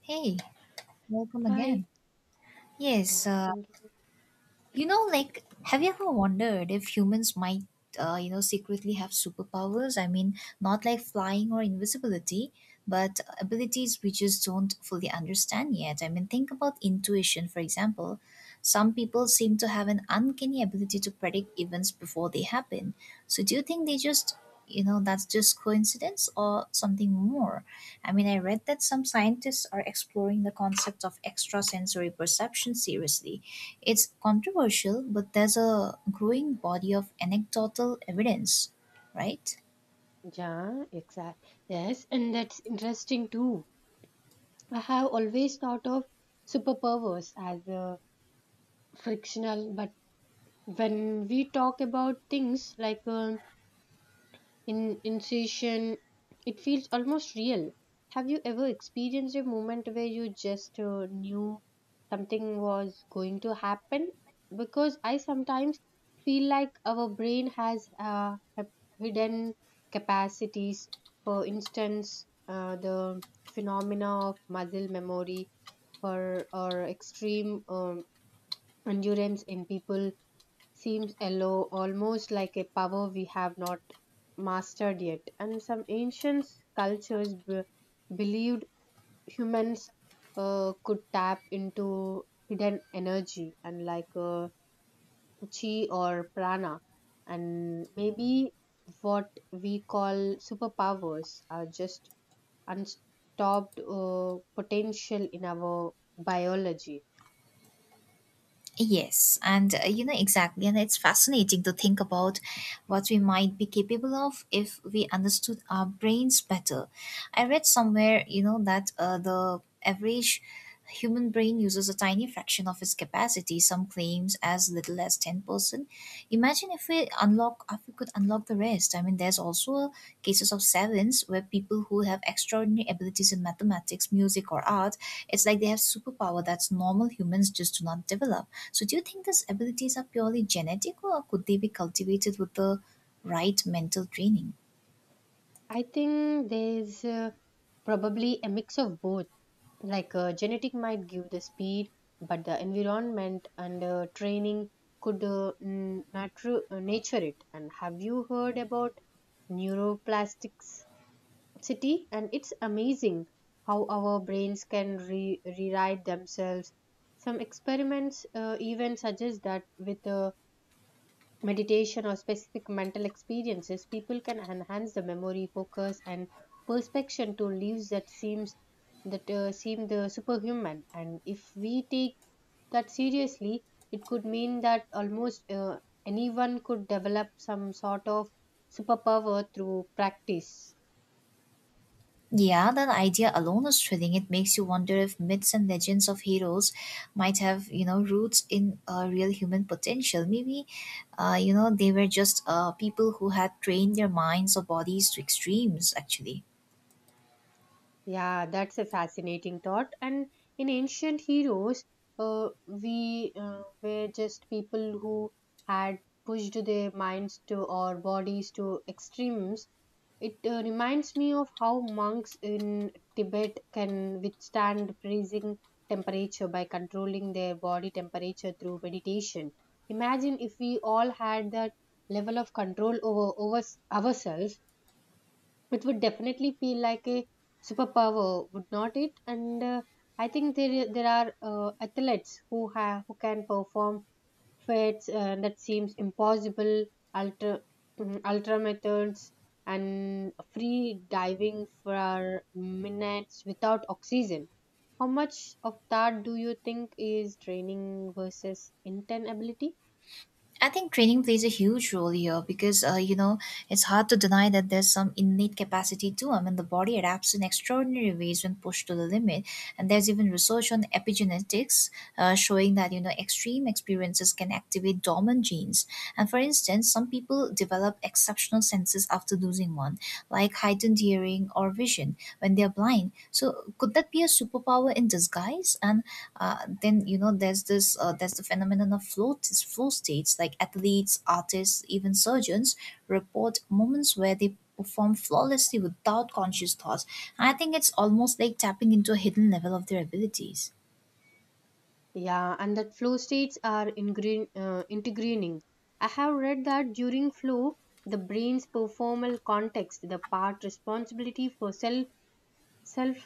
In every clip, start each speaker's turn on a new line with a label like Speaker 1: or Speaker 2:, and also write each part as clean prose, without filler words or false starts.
Speaker 1: Hey, welcome again.
Speaker 2: Hi.
Speaker 1: Yes,
Speaker 2: Yeah,
Speaker 1: uh,
Speaker 2: thank you.
Speaker 1: have you ever wondered if humans might, secretly have superpowers? I mean, not like flying or invisibility, but abilities we just don't fully understand yet. I mean, think about intuition, for example. Some people seem to have an uncanny ability to predict events before they happen. So, do you think they just you know that's just coincidence or something more? I mean, I read that some scientists are exploring the concept of extrasensory perception seriously. It's controversial, but there's a growing body of anecdotal evidence, right?
Speaker 2: Yeah, exactly. Yes, and that's interesting too. I have always thought of superpowers as frictional, but when we talk about things like in incision it feels almost real. Have you ever experienced a moment where you just knew something was going to happen? Because I sometimes feel like our brain has hidden capacities. For instance, the phenomena of muscle memory for or extreme endurance in people seems yellow, almost like a power we have not mastered yet. And some ancient cultures believed humans could tap into hidden energy, and like chi or prana, and maybe what we call superpowers are just unstopped potential in our biology.
Speaker 1: Yes, and you know exactly, and it's fascinating to think about what we might be capable of if we understood our brains better. I read somewhere, you know, that the average human brain uses a tiny fraction of its capacity, some claims as little as 10%. Imagine if we could unlock the rest. I mean, there's also a cases of sevens where people who have extraordinary abilities in mathematics, music, or art, it's like they have superpower that's normal humans just do not develop. So, do you think these abilities are purely genetic, or could they be cultivated with the right mental training?
Speaker 2: I think there's probably a mix of both, like genetic might give the speed but the environment and training could nature it. And have you heard about neuroplasticity? And it's amazing how our brains can rewrite themselves. Some experiments even suggest that with a meditation or specific mental experiences, people can enhance the memory, focus, and perspection to lives that seems that seem the superhuman. And if we take that seriously, it could mean that almost anyone could develop some sort of superpower through practice.
Speaker 1: Yeah, that idea alone is thrilling. It makes you wonder if myths and legends of heroes might have, you know, roots in real human potential. Maybe, they were just people who had trained their minds or bodies to extremes, actually.
Speaker 2: Yeah, that's a fascinating thought. And in ancient heroes, we were just people who had pushed their minds to or bodies to extremes. It reminds me of how monks in Tibet can withstand freezing temperature by controlling their body temperature through meditation. Imagine if we all had that level of control over ourselves. It would definitely feel like a superpower, would not it? And I think there are athletes who can perform feats that seems impossible. Ultra ultra methods and free diving for minutes without oxygen. How much of that do you think is training versus intent ability?
Speaker 1: I think training plays a huge role here because, it's hard to deny that there's some innate capacity too. I mean, the body adapts in extraordinary ways when pushed to the limit. And there's even research on epigenetics, showing that, you know, extreme experiences can activate dormant genes. And for instance, some people develop exceptional senses after losing one, like heightened hearing or vision when they're blind. So, could that be a superpower in disguise? And then you know there's this there's the phenomenon of flow states. Like athletes, artists, even surgeons report moments where they perform flawlessly without conscious thoughts. I think it's almost like tapping into a hidden level of their abilities.
Speaker 2: Yeah, and that flow states are ingreen, integrating. I have read that during flow, the brain's performal context, the part responsibility for self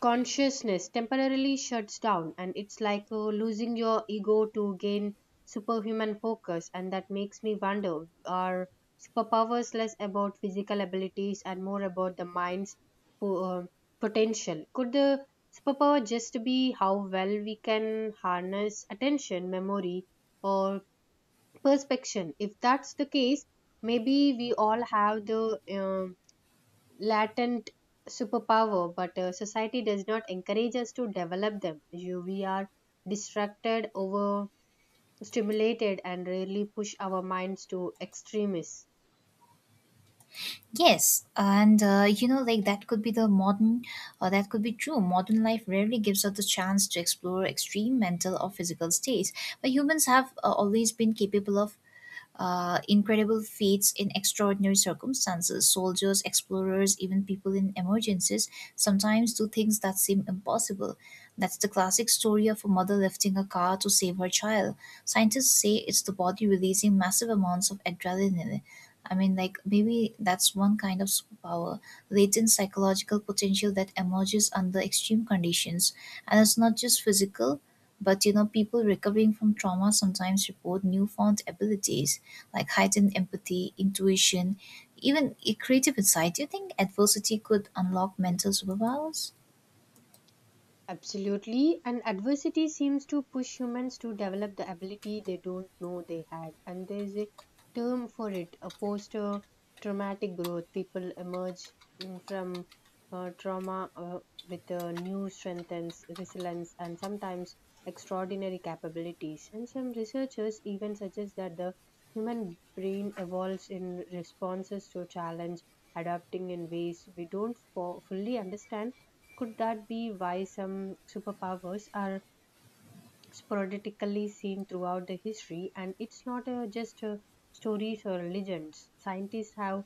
Speaker 2: consciousness temporarily shuts down, and it's like losing your ego to gain superhuman focus. And that makes me wonder, are superpowers less about physical abilities and more about the mind's po- uh, potential? Could the superpower just be how well we can harness attention, memory, or perspection? If that's the case, maybe we all have the latent superpower, but society does not encourage us to develop them. We are distracted, overstimulated, and rarely push our minds to extremes.
Speaker 1: Yes, and you know like that could be the modern That could be true. Modern life rarely gives us the chance to explore extreme mental or physical states, but humans have always been capable of incredible feats in extraordinary circumstances. Soldiers, explorers, even people in emergencies sometimes do things that seem impossible. That's the classic story of a mother lifting a car to save her child. Scientists say it's the body releasing massive amounts of adrenaline. I mean, like, maybe that's one kind of superpower, latent psychological potential that emerges under extreme conditions. And it's not just physical, but you know, people recovering from trauma sometimes report newfound abilities like heightened empathy, intuition, even a creative insight. Do you think adversity could unlock mental superpowers?
Speaker 2: Absolutely, and adversity seems to push humans to develop the ability they don't know they had, and there is a term for it, a post traumatic growth. People emerge from trauma with new strength and resilience, and sometimes extraordinary capabilities. And some researchers even suggest that the human brain evolves in responses to challenge, adapting in ways we don't fully understand. Could that be why some superpowers are sporadically seen throughout the history, and it's not just stories or legends? Scientists have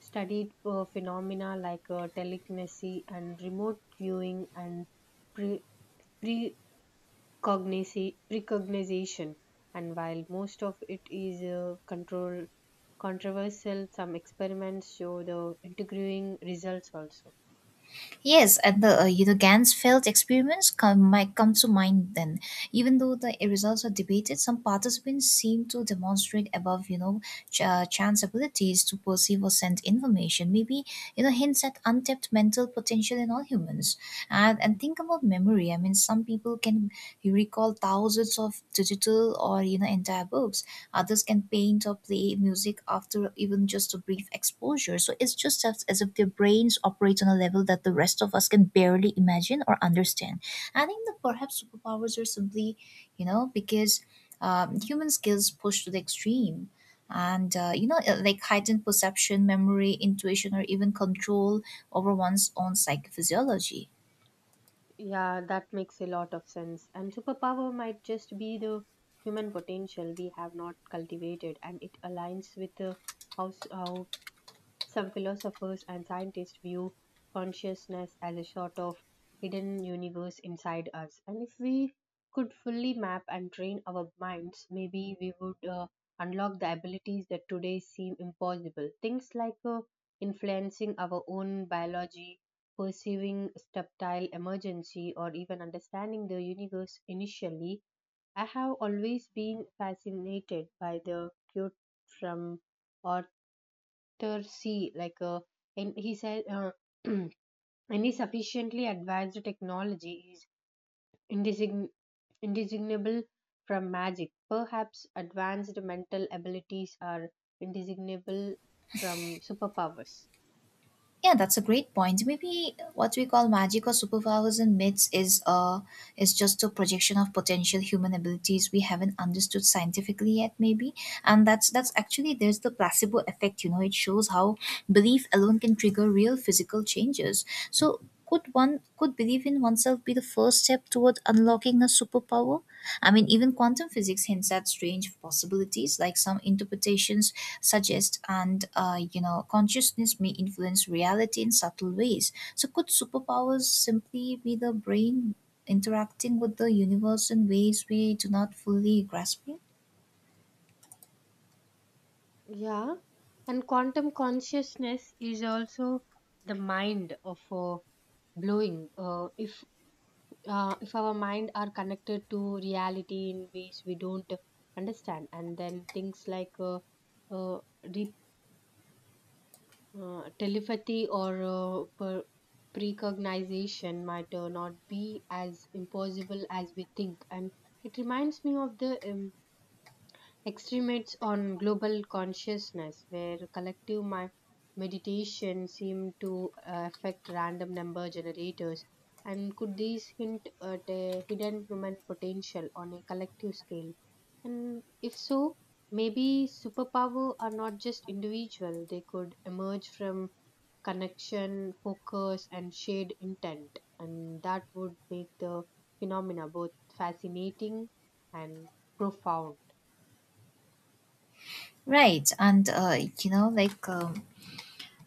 Speaker 2: studied phenomena like telekinesis and remote viewing and pre- precognition. And while most of it is control controversial, some experiments show the intriguing results also.
Speaker 1: Yes, and the you know Gansfeld experiments might come to mind then. Even though the results are debated, some participants seem to demonstrate above, chance abilities to perceive or send information. Maybe you know hints at untapped mental potential in all humans. And think about memory. I mean, some people can recall thousands of digital or you know entire books, others can paint or play music after even just a brief exposure. So it's just as if their brains operate on a level that the rest of us can barely imagine or understand. I think that perhaps superpowers are simply, you know because human skills pushed to the extreme, and heightened perception, memory, intuition, or even control over one's own psychophysiology.
Speaker 2: Yeah, that makes a lot of sense. And superpower might just be the human potential we have not cultivated, and it aligns with how some philosophers and scientists view consciousness as a sort of hidden universe inside us. And if we could fully map and train our minds, maybe we would unlock the abilities that today seem impossible. Things like influencing our own biology, perceiving subtle emergency, or even understanding the universe initially. I have always been fascinated by the cute from or C, like and he said, any sufficiently advanced technology is indesign- indiscernible from magic. Perhaps advanced mental abilities are indiscernible from superpowers.
Speaker 1: Yeah, that's a great point. Maybe what we call magic or superpowers and myths is just a projection of potential human abilities we haven't understood scientifically yet, maybe. And that's actually there's the placebo effect. You know, it shows how belief alone can trigger real physical changes. So could belief in oneself be the first step toward unlocking a superpower? I mean, even quantum physics hints at strange possibilities, like some interpretations suggest, and consciousness may influence reality in subtle ways. So could superpowers simply be the brain interacting with the universe in ways we do not fully grasp yet?
Speaker 2: Yeah, and quantum consciousness is also the mind of blowing. If if our mind are connected to reality in ways we don't understand, and then things like uh, re- telepathy or precognition might not be as impossible as we think. And it reminds me of the extremists on global consciousness, where collective meditation seemed to affect random number generators. And could these hint at a hidden human potential on a collective scale? And if so, maybe superpower are not just individual, they could emerge from connection, focus, and shared intent. And that would make the phenomena both fascinating and profound.
Speaker 1: Right and you know like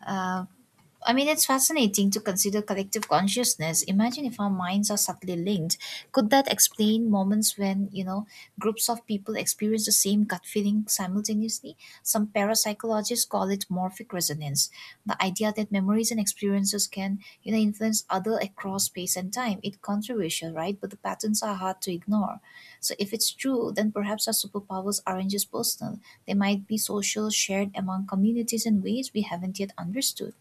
Speaker 1: uh, I mean, it's fascinating to consider collective consciousness. Imagine if our minds are subtly linked. Could that explain moments when, you know, groups of people experience the same gut feeling simultaneously? Some parapsychologists call it morphic resonance. The idea that memories and experiences can, you know, influence other across space and time. It's controversial, right? But the patterns are hard to ignore. So if it's true, then perhaps our superpowers aren't just personal. They might be social, shared among communities in ways we haven't yet understood.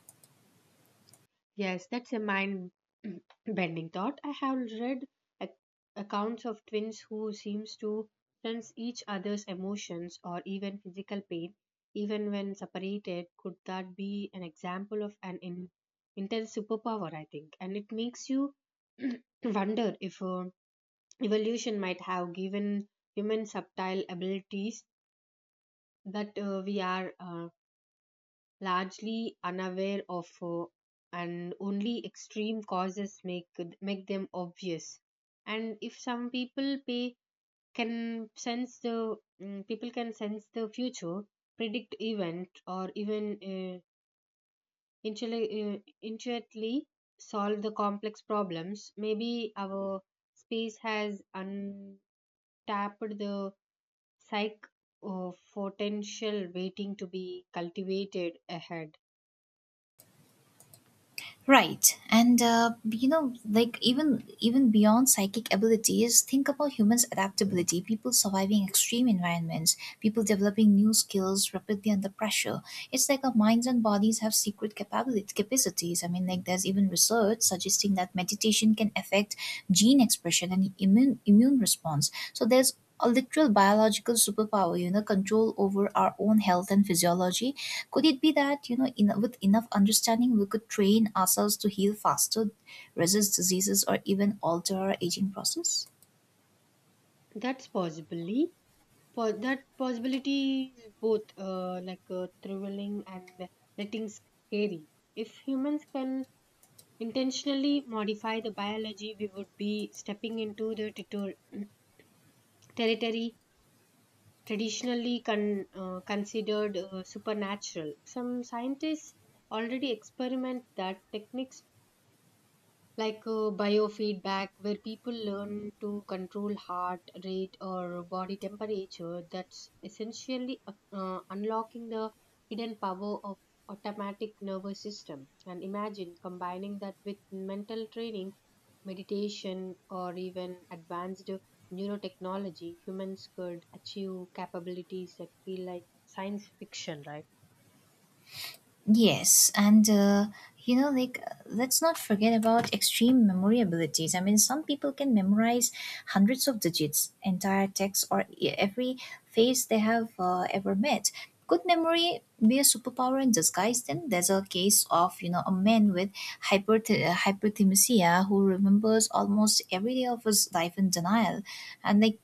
Speaker 2: Yes, that's a mind bending thought. I have read ac- accounts of twins who seems to sense each other's emotions or even physical pain even when separated. Could that be an example of an intense superpower, I think? And it makes you wonder if evolution might have given human subtle abilities that we are largely unaware of, and only extreme causes make them obvious. And if some people pay can sense the people can sense the future, predict event, or even intuitively solve the complex problems. Maybe our space has untapped the psych potential waiting to be cultivated ahead.
Speaker 1: Right. And even beyond psychic abilities, think about humans' adaptability, people surviving extreme environments, people developing new skills rapidly under pressure. It's like our minds and bodies have secret capabilities capacities. I mean, like there's even research suggesting that meditation can affect gene expression and immune response. So there's a literal biological superpower, you know, control over our own health and physiology. Could it be that, you know, with enough understanding we could train ourselves to heal faster, resist diseases, or even alter our aging process?
Speaker 2: That's possibly for that possibility is both thrilling and letting scary. If humans can intentionally modify the biology, we would be stepping into the territory territory traditionally considered supernatural. Some scientists already experiment that techniques like biofeedback where people learn to control heart rate or body temperature. That's essentially unlocking the hidden power of automatic nervous system. And imagine combining that with mental training, meditation, or even advanced neurotechnology. Humans could achieve capabilities that feel like science fiction, right?
Speaker 1: Yes, and you know, like Let's not forget about extreme memory abilities. I mean, some people can memorize hundreds of digits, entire text, or every face they have ever met. Could memory be a superpower in disguise? Then there's a case of you know a man with hyperthymesia who remembers almost every day of his life in denial, and like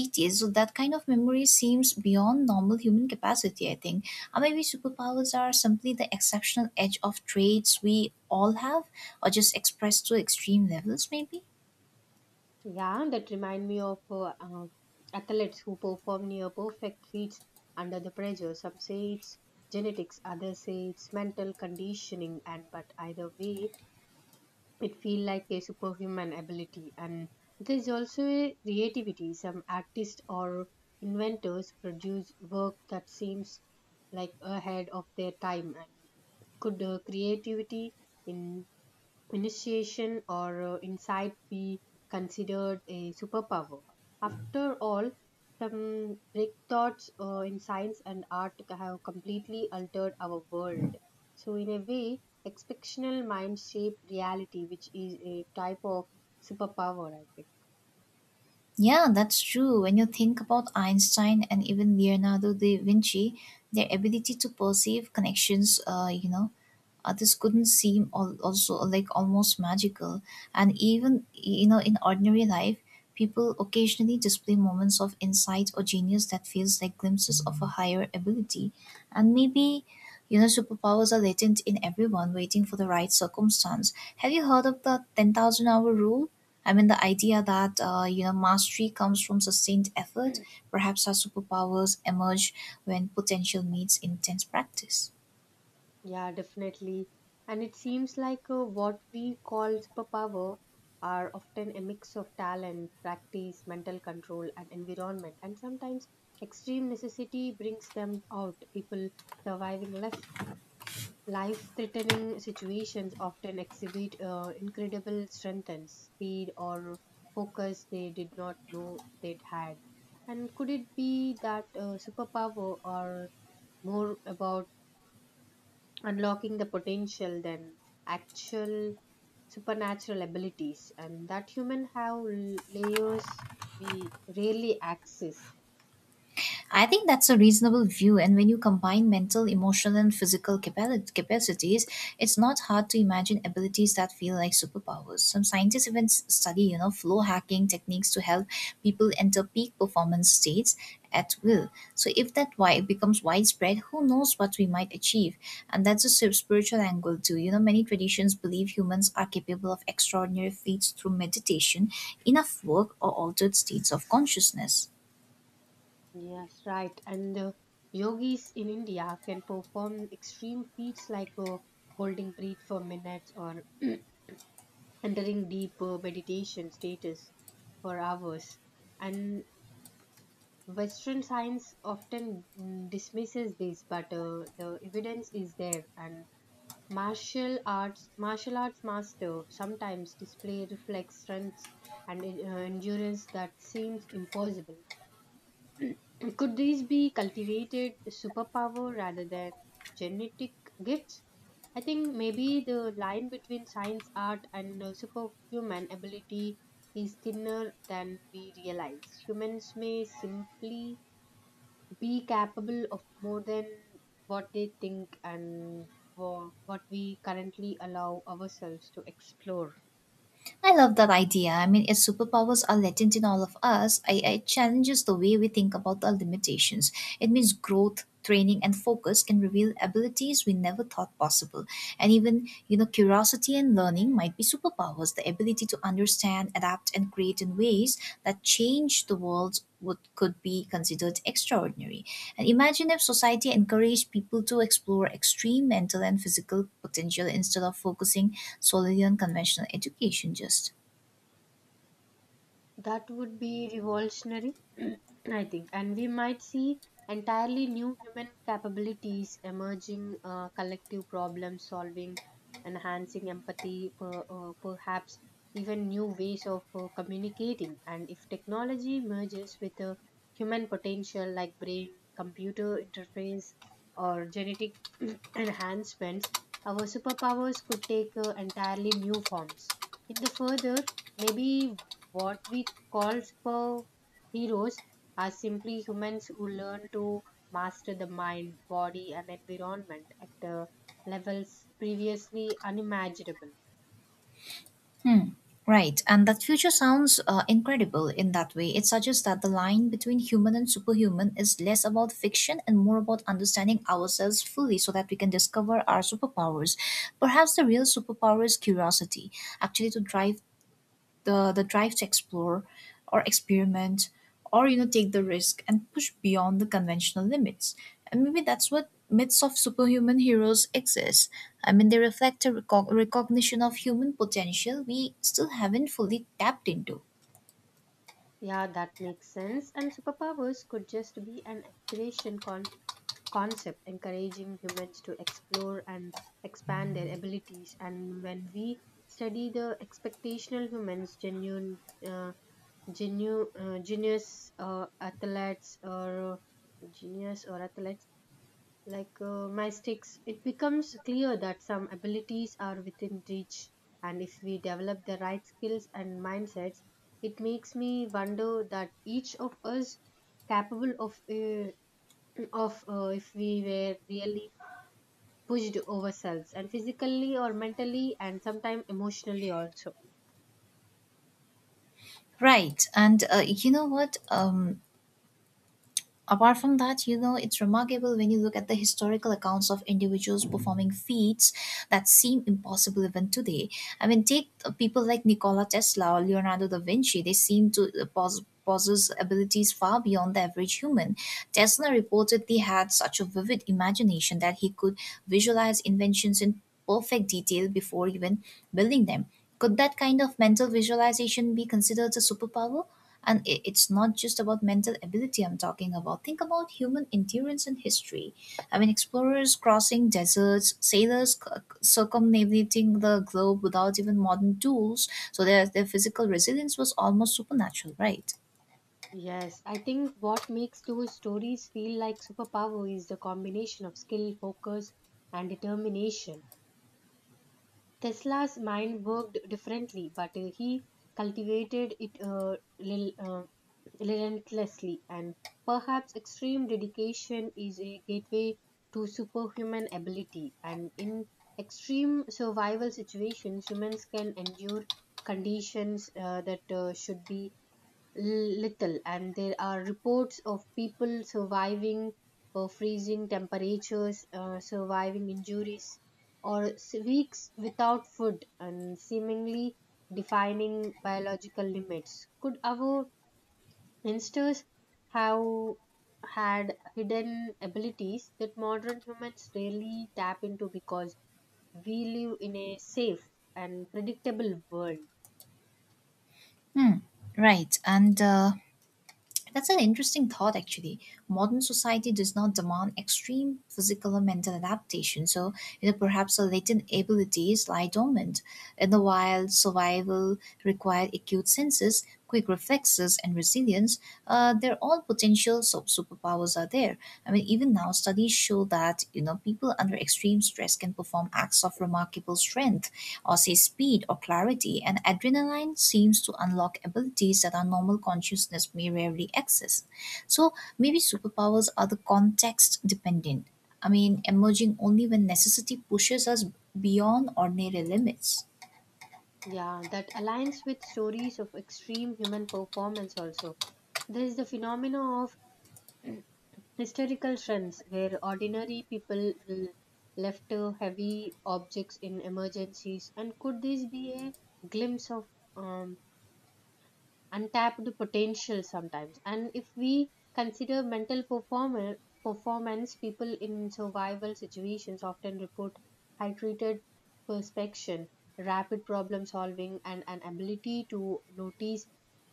Speaker 1: details. So that kind of memory seems beyond normal human capacity, I think. Or maybe superpowers are simply the exceptional edge of traits we all have, or just expressed to extreme levels, maybe.
Speaker 2: Yeah, that remind me of athletes who perform near perfect feats under the pressure. Some say it's genetics, others say it's mental conditioning, and but either way, it feel like a superhuman ability. And there's also a creativity. Some artists or inventors produce work that seems like ahead of their time. And could creativity in initiation or insight be considered a superpower? After all, some breakthroughs in science and art have completely altered our world. So, in a way, exceptional mind shape reality, which is a type of superpower, I think.
Speaker 1: Yeah, that's true. When you think about Einstein and even Leonardo da Vinci, their ability to perceive connections, this couldn't seem also like almost magical. And even you know in ordinary life people occasionally display moments of insight or genius that feels like glimpses of a higher ability. And maybe you know superpowers are latent in everyone, waiting for the right circumstance. Have you heard of the 10,000 hour rule? I mean the idea that, mastery comes from sustained effort. Perhaps our superpowers emerge when potential meets intense practice.
Speaker 2: Yeah, definitely. And it seems like what we call superpower are often a mix of talent, practice, mental control, and environment. And sometimes extreme necessity brings them out. People surviving life, life-threatening situations often exhibit incredible strength and speed or focus they did not know they'd had. And could it be that superpower are more about unlocking the potential than actual supernatural abilities, and that human have layers we rarely access?
Speaker 1: I think that's a reasonable view, and when you combine mental, emotional, and physical capacities, it's not hard to imagine abilities that feel like superpowers. Some scientists even study, you know, flow hacking techniques to help people enter peak performance states at will. So if that why becomes widespread, who knows what we might achieve? And that's a spiritual angle too. You know, many traditions believe humans are capable of extraordinary feats through meditation, enough work, or altered states of consciousness.
Speaker 2: Yes, right. And the yogis in India can perform extreme feats like holding breath for minutes or entering deep meditation status for hours. And western science often dismisses this, but the evidence is there. And Martial arts master sometimes display reflex strength and endurance that seems impossible. Could these be cultivated superpower rather than genetic gifts? I think maybe the line between science, art, and superhuman ability is thinner than we realize. Humans may simply be capable of more than what they think and what we currently allow ourselves to explore.
Speaker 1: I love that idea. I mean, if superpowers are latent in all of us, I challenges the way we think about our limitations. It means growth, training, and focus can reveal abilities we never thought possible. And even, you know, curiosity and learning might be superpowers. The ability to understand, adapt, and create in ways that change the world would could be considered extraordinary. And imagine if society encouraged people to explore extreme mental and physical potential instead of focusing solely on conventional education just.
Speaker 2: That would be revolutionary, I think, and we might see entirely new human capabilities emerging, collective problem solving, enhancing empathy, perhaps even new ways of communicating. And if technology merges with a human potential, like brain, computer interface, or genetic enhancements, our superpowers could take entirely new forms. In the further, maybe what we called superheroes are simply humans who learn to master the mind, body, and environment at levels previously unimaginable.
Speaker 1: Hmm. Right, and that future sounds incredible in that way. It suggests that the line between human and superhuman is less about fiction and more about understanding ourselves fully so that we can discover our superpowers. Perhaps the real superpower is curiosity, actually, to drive the drive to explore or experiment, or you know take the risk and push beyond the conventional limits. And maybe that's what myths of superhuman heroes exist. I mean they reflect a recognition of human potential we still haven't fully tapped into.
Speaker 2: Yeah, that makes sense. And superpowers could just be an aspiration concept encouraging humans to explore and expand their abilities. And when we study the expectational humans' genuine uh, genius or athletes like mystics, it becomes clear that some abilities are within reach. And if we develop the right skills and mindsets, it makes me wonder that each of us capable of of if we were really pushed ourselves and physically or mentally and sometimes emotionally also.
Speaker 1: Right and you know what apart from that you know It's remarkable when you look at the historical accounts of individuals performing feats that seem impossible even today. I mean, take people like Nikola Tesla or Leonardo da Vinci. They seem to possess abilities far beyond the average human. Tesla reportedly had such a vivid imagination that he could visualize inventions in perfect detail before even building them. Could that kind of mental visualization be considered a superpower? And it's not just about mental ability I'm talking about. Think about human endurance and history. I mean, explorers crossing deserts, sailors circumnavigating the globe without even modern tools. So their physical resilience was almost supernatural, right?
Speaker 2: Yes, I think what makes those stories feel like superpower is the combination of skill, focus, and determination. Tesla's mind worked differently, but he cultivated it relentlessly, and perhaps extreme dedication is a gateway to superhuman ability. And in extreme survival situations, humans can endure conditions that should be little, and there are reports of people surviving freezing temperatures, surviving injuries, or weeks without food, and seemingly defining biological limits. Could our ancestors have had hidden abilities that modern humans rarely tap into because we live in a safe and predictable world?
Speaker 1: Hmm. Right. And That's an interesting thought, actually. Modern society does not demand extreme physical or mental adaptation, so you know perhaps our latent abilities lie dormant. In the wild, survival required acute senses, quick reflexes, and resilience. They're all potential so superpowers are there. I mean, even now studies show that you know people under extreme stress can perform acts of remarkable strength or say speed or clarity, and adrenaline seems to unlock abilities that our normal consciousness may rarely access. So maybe superpowers are the context dependent. I mean, emerging only when necessity pushes us beyond ordinary limits.
Speaker 2: Yeah, that aligns with stories of extreme human performance also. There is the phenomena of historical trends where ordinary people left heavy objects in emergencies. And could this be a glimpse of um, untapped potential sometimes? And if we consider mental performer performance, people in survival situations often report hydrated perspection, rapid problem solving, and an ability to notice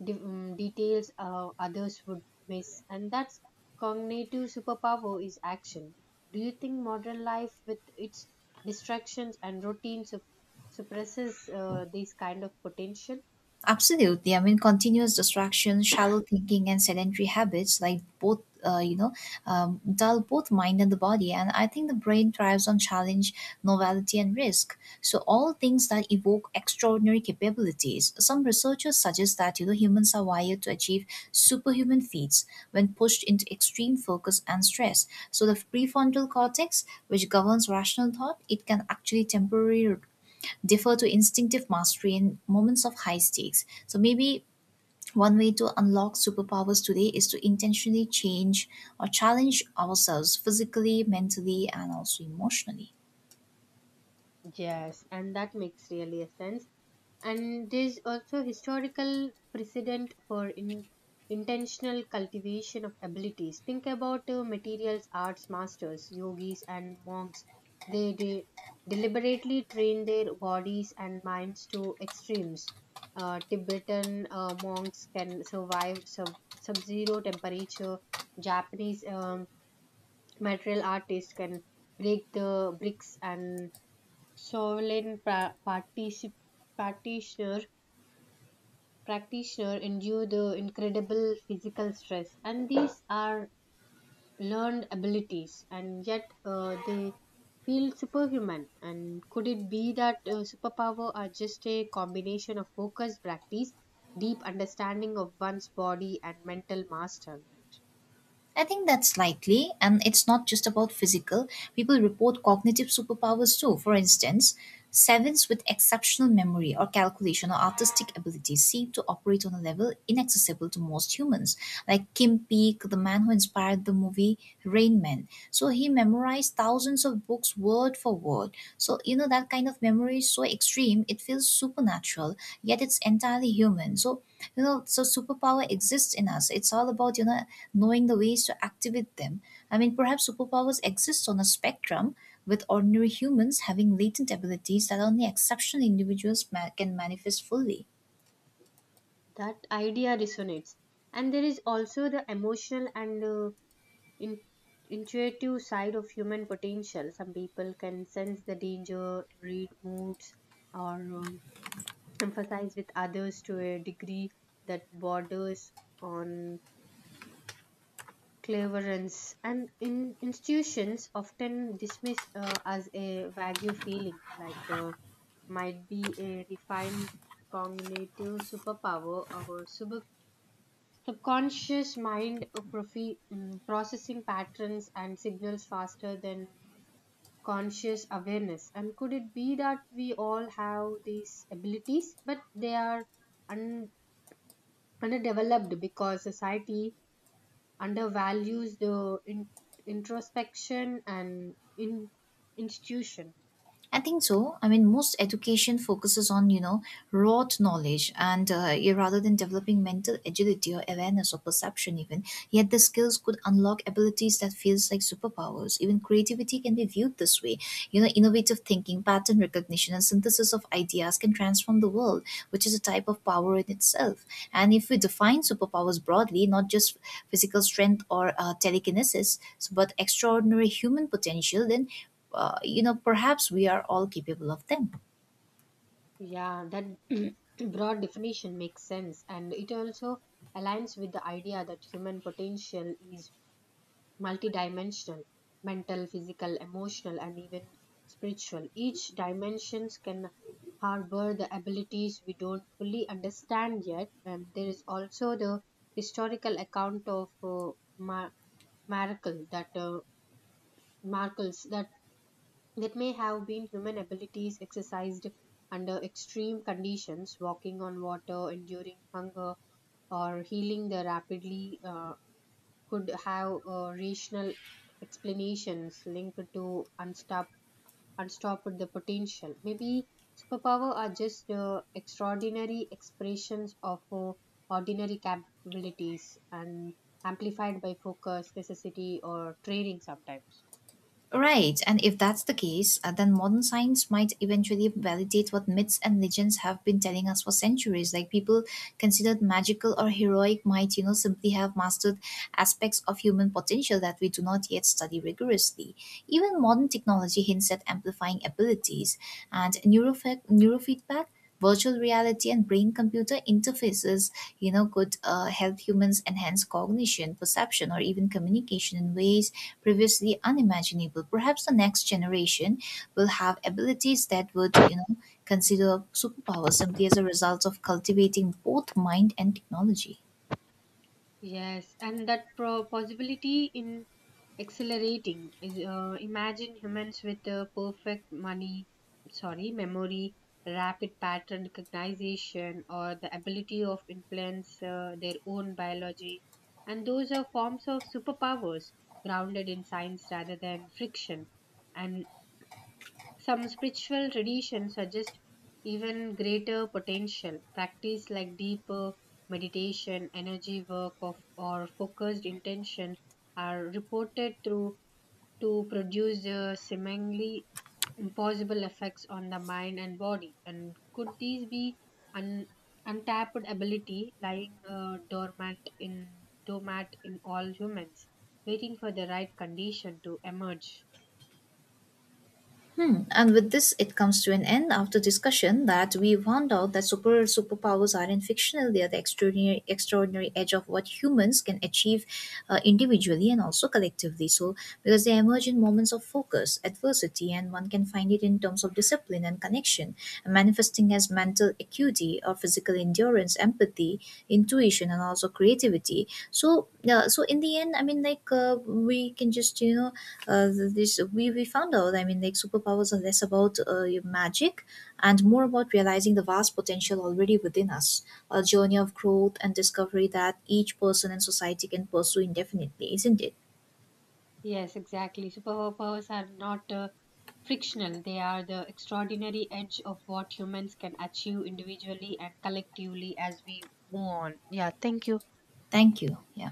Speaker 2: details others would miss, and that's cognitive superpower is action. Do you think modern life with its distractions and routine suppresses this kind of potential?
Speaker 1: Absolutely. I mean, continuous distraction, shallow thinking, and sedentary habits, like both, you know, dull both mind and the body. And I think the brain thrives on challenge, novelty, and risk. So, all things that evoke extraordinary capabilities. Some researchers suggest that, you know, humans are wired to achieve superhuman feats when pushed into extreme focus and stress. So, the prefrontal cortex, which governs rational thought, it can actually temporarily defer to instinctive mastery in moments of high stakes. So maybe one way to unlock superpowers today is to intentionally change or challenge ourselves physically, mentally, and also emotionally.
Speaker 2: Yes, and that makes really a sense. And there's also historical precedent for intentional cultivation of abilities. Think about materials arts masters, yogis, and monks. They deliberately train their bodies and minds to extremes. Tibetan monks can survive sub-zero temperature. Japanese material artists can break the bricks, and Sovereign practitioner, practitioner endure the incredible physical stress, and these are learned abilities, and yet they feel superhuman. And could it be that superpower are just a combination of focused practice, deep understanding of one's body, and mental mastery?
Speaker 1: I think that's likely, and it's not just about physical. People report cognitive superpowers too. For instance, sevens with exceptional memory or calculation or artistic abilities seem to operate on a level inaccessible to most humans. Like Kim Peek, the man who inspired the movie Rain Man. So he memorized thousands of books word for word. So, you know, that kind of memory is so extreme, it feels supernatural, yet it's entirely human. So, you know so superpower exists in us, it's all about you know knowing the ways to activate them. I mean, perhaps superpowers exist on a spectrum, with ordinary humans having latent abilities that only exceptional individuals can manifest fully.
Speaker 2: That idea resonates, and there is also the emotional and in, intuitive side of human potential. Some people can sense the danger, read moods, or emphasize with others to a degree that borders on cleverance. And in institutions often dismiss as a vague feeling, like might be a refined cognitive superpower, or subconscious mind processing patterns and signals faster than conscious awareness. And could it be that we all have these abilities, but they are un- underdeveloped because society undervalues the introspection and institution?
Speaker 1: I think so. I mean, most education focuses on you know rote knowledge, and yeah, rather than developing mental agility or awareness or perception, even yet the skills could unlock abilities that feels like superpowers. Even creativity can be viewed this way. You know, innovative thinking, pattern recognition, and synthesis of ideas can transform the world, which is a type of power in itself. And if we define superpowers broadly, not just physical strength or telekinesis, but extraordinary human potential, then you know, perhaps we are all capable of them.
Speaker 2: Yeah, that broad definition makes sense, and it also aligns with the idea that human potential is multidimensional: mental, physical, emotional, and even spiritual. Each dimensions can harbor the abilities we don't fully understand yet, and there is also the historical account of mar- miracle that uh, miracles that may have been human abilities exercised under extreme conditions. Walking on water, enduring hunger, or healing the rapidly could have rational explanations linked to unstopped the potential. Maybe superpower are just extraordinary expressions of ordinary capabilities, and amplified by focus, necessity, or training sometimes.
Speaker 1: Right, and if that's the case, then modern science might eventually validate what myths and legends have been telling us for centuries. Like people considered magical or heroic might, you know, simply have mastered aspects of human potential that we do not yet study rigorously. Even modern technology hints at amplifying abilities, and neurofeedback, virtual reality, and brain computer interfaces, you know, could help humans enhance cognition, perception, or even communication in ways previously unimaginable. Perhaps the next generation will have abilities that would you know consider superpowers simply as a result of cultivating both mind and technology.
Speaker 2: Yes, and that possibility in Accelerating. Is, imagine humans with perfect money, sorry, memory, rapid pattern recognition, or the ability of influence their own biology. And those are forms of superpowers grounded in science rather than friction. And some spiritual traditions suggest even greater potential. Practice like deeper meditation, energy work, of, or focused intention are reported through to produce seemingly impossible effects on the mind and body. And could these be an untapped ability lying dormant in dormant in all humans, waiting for the right condition to emerge?
Speaker 1: Hmm. And with this, it comes to an end after discussion that we found out that superpowers aren't fictional; they are the extraordinary edge of what humans can achieve individually and also collectively. So, because they emerge in moments of focus, adversity, and one can find it in terms of discipline and connection, manifesting as mental acuity or physical endurance, empathy, intuition, and also creativity. So, yeah. So in the end, I mean, like we can just you know we found out, I mean like superpowers are less about your magic and more about realizing the vast potential already within us, a journey of growth and discovery that each person and society can pursue indefinitely, isn't it?
Speaker 2: Yes, exactly. Superpowers are not frictional. They are the extraordinary edge of what humans can achieve individually and collectively. As we move on, yeah, thank you.
Speaker 1: Thank you. Yeah.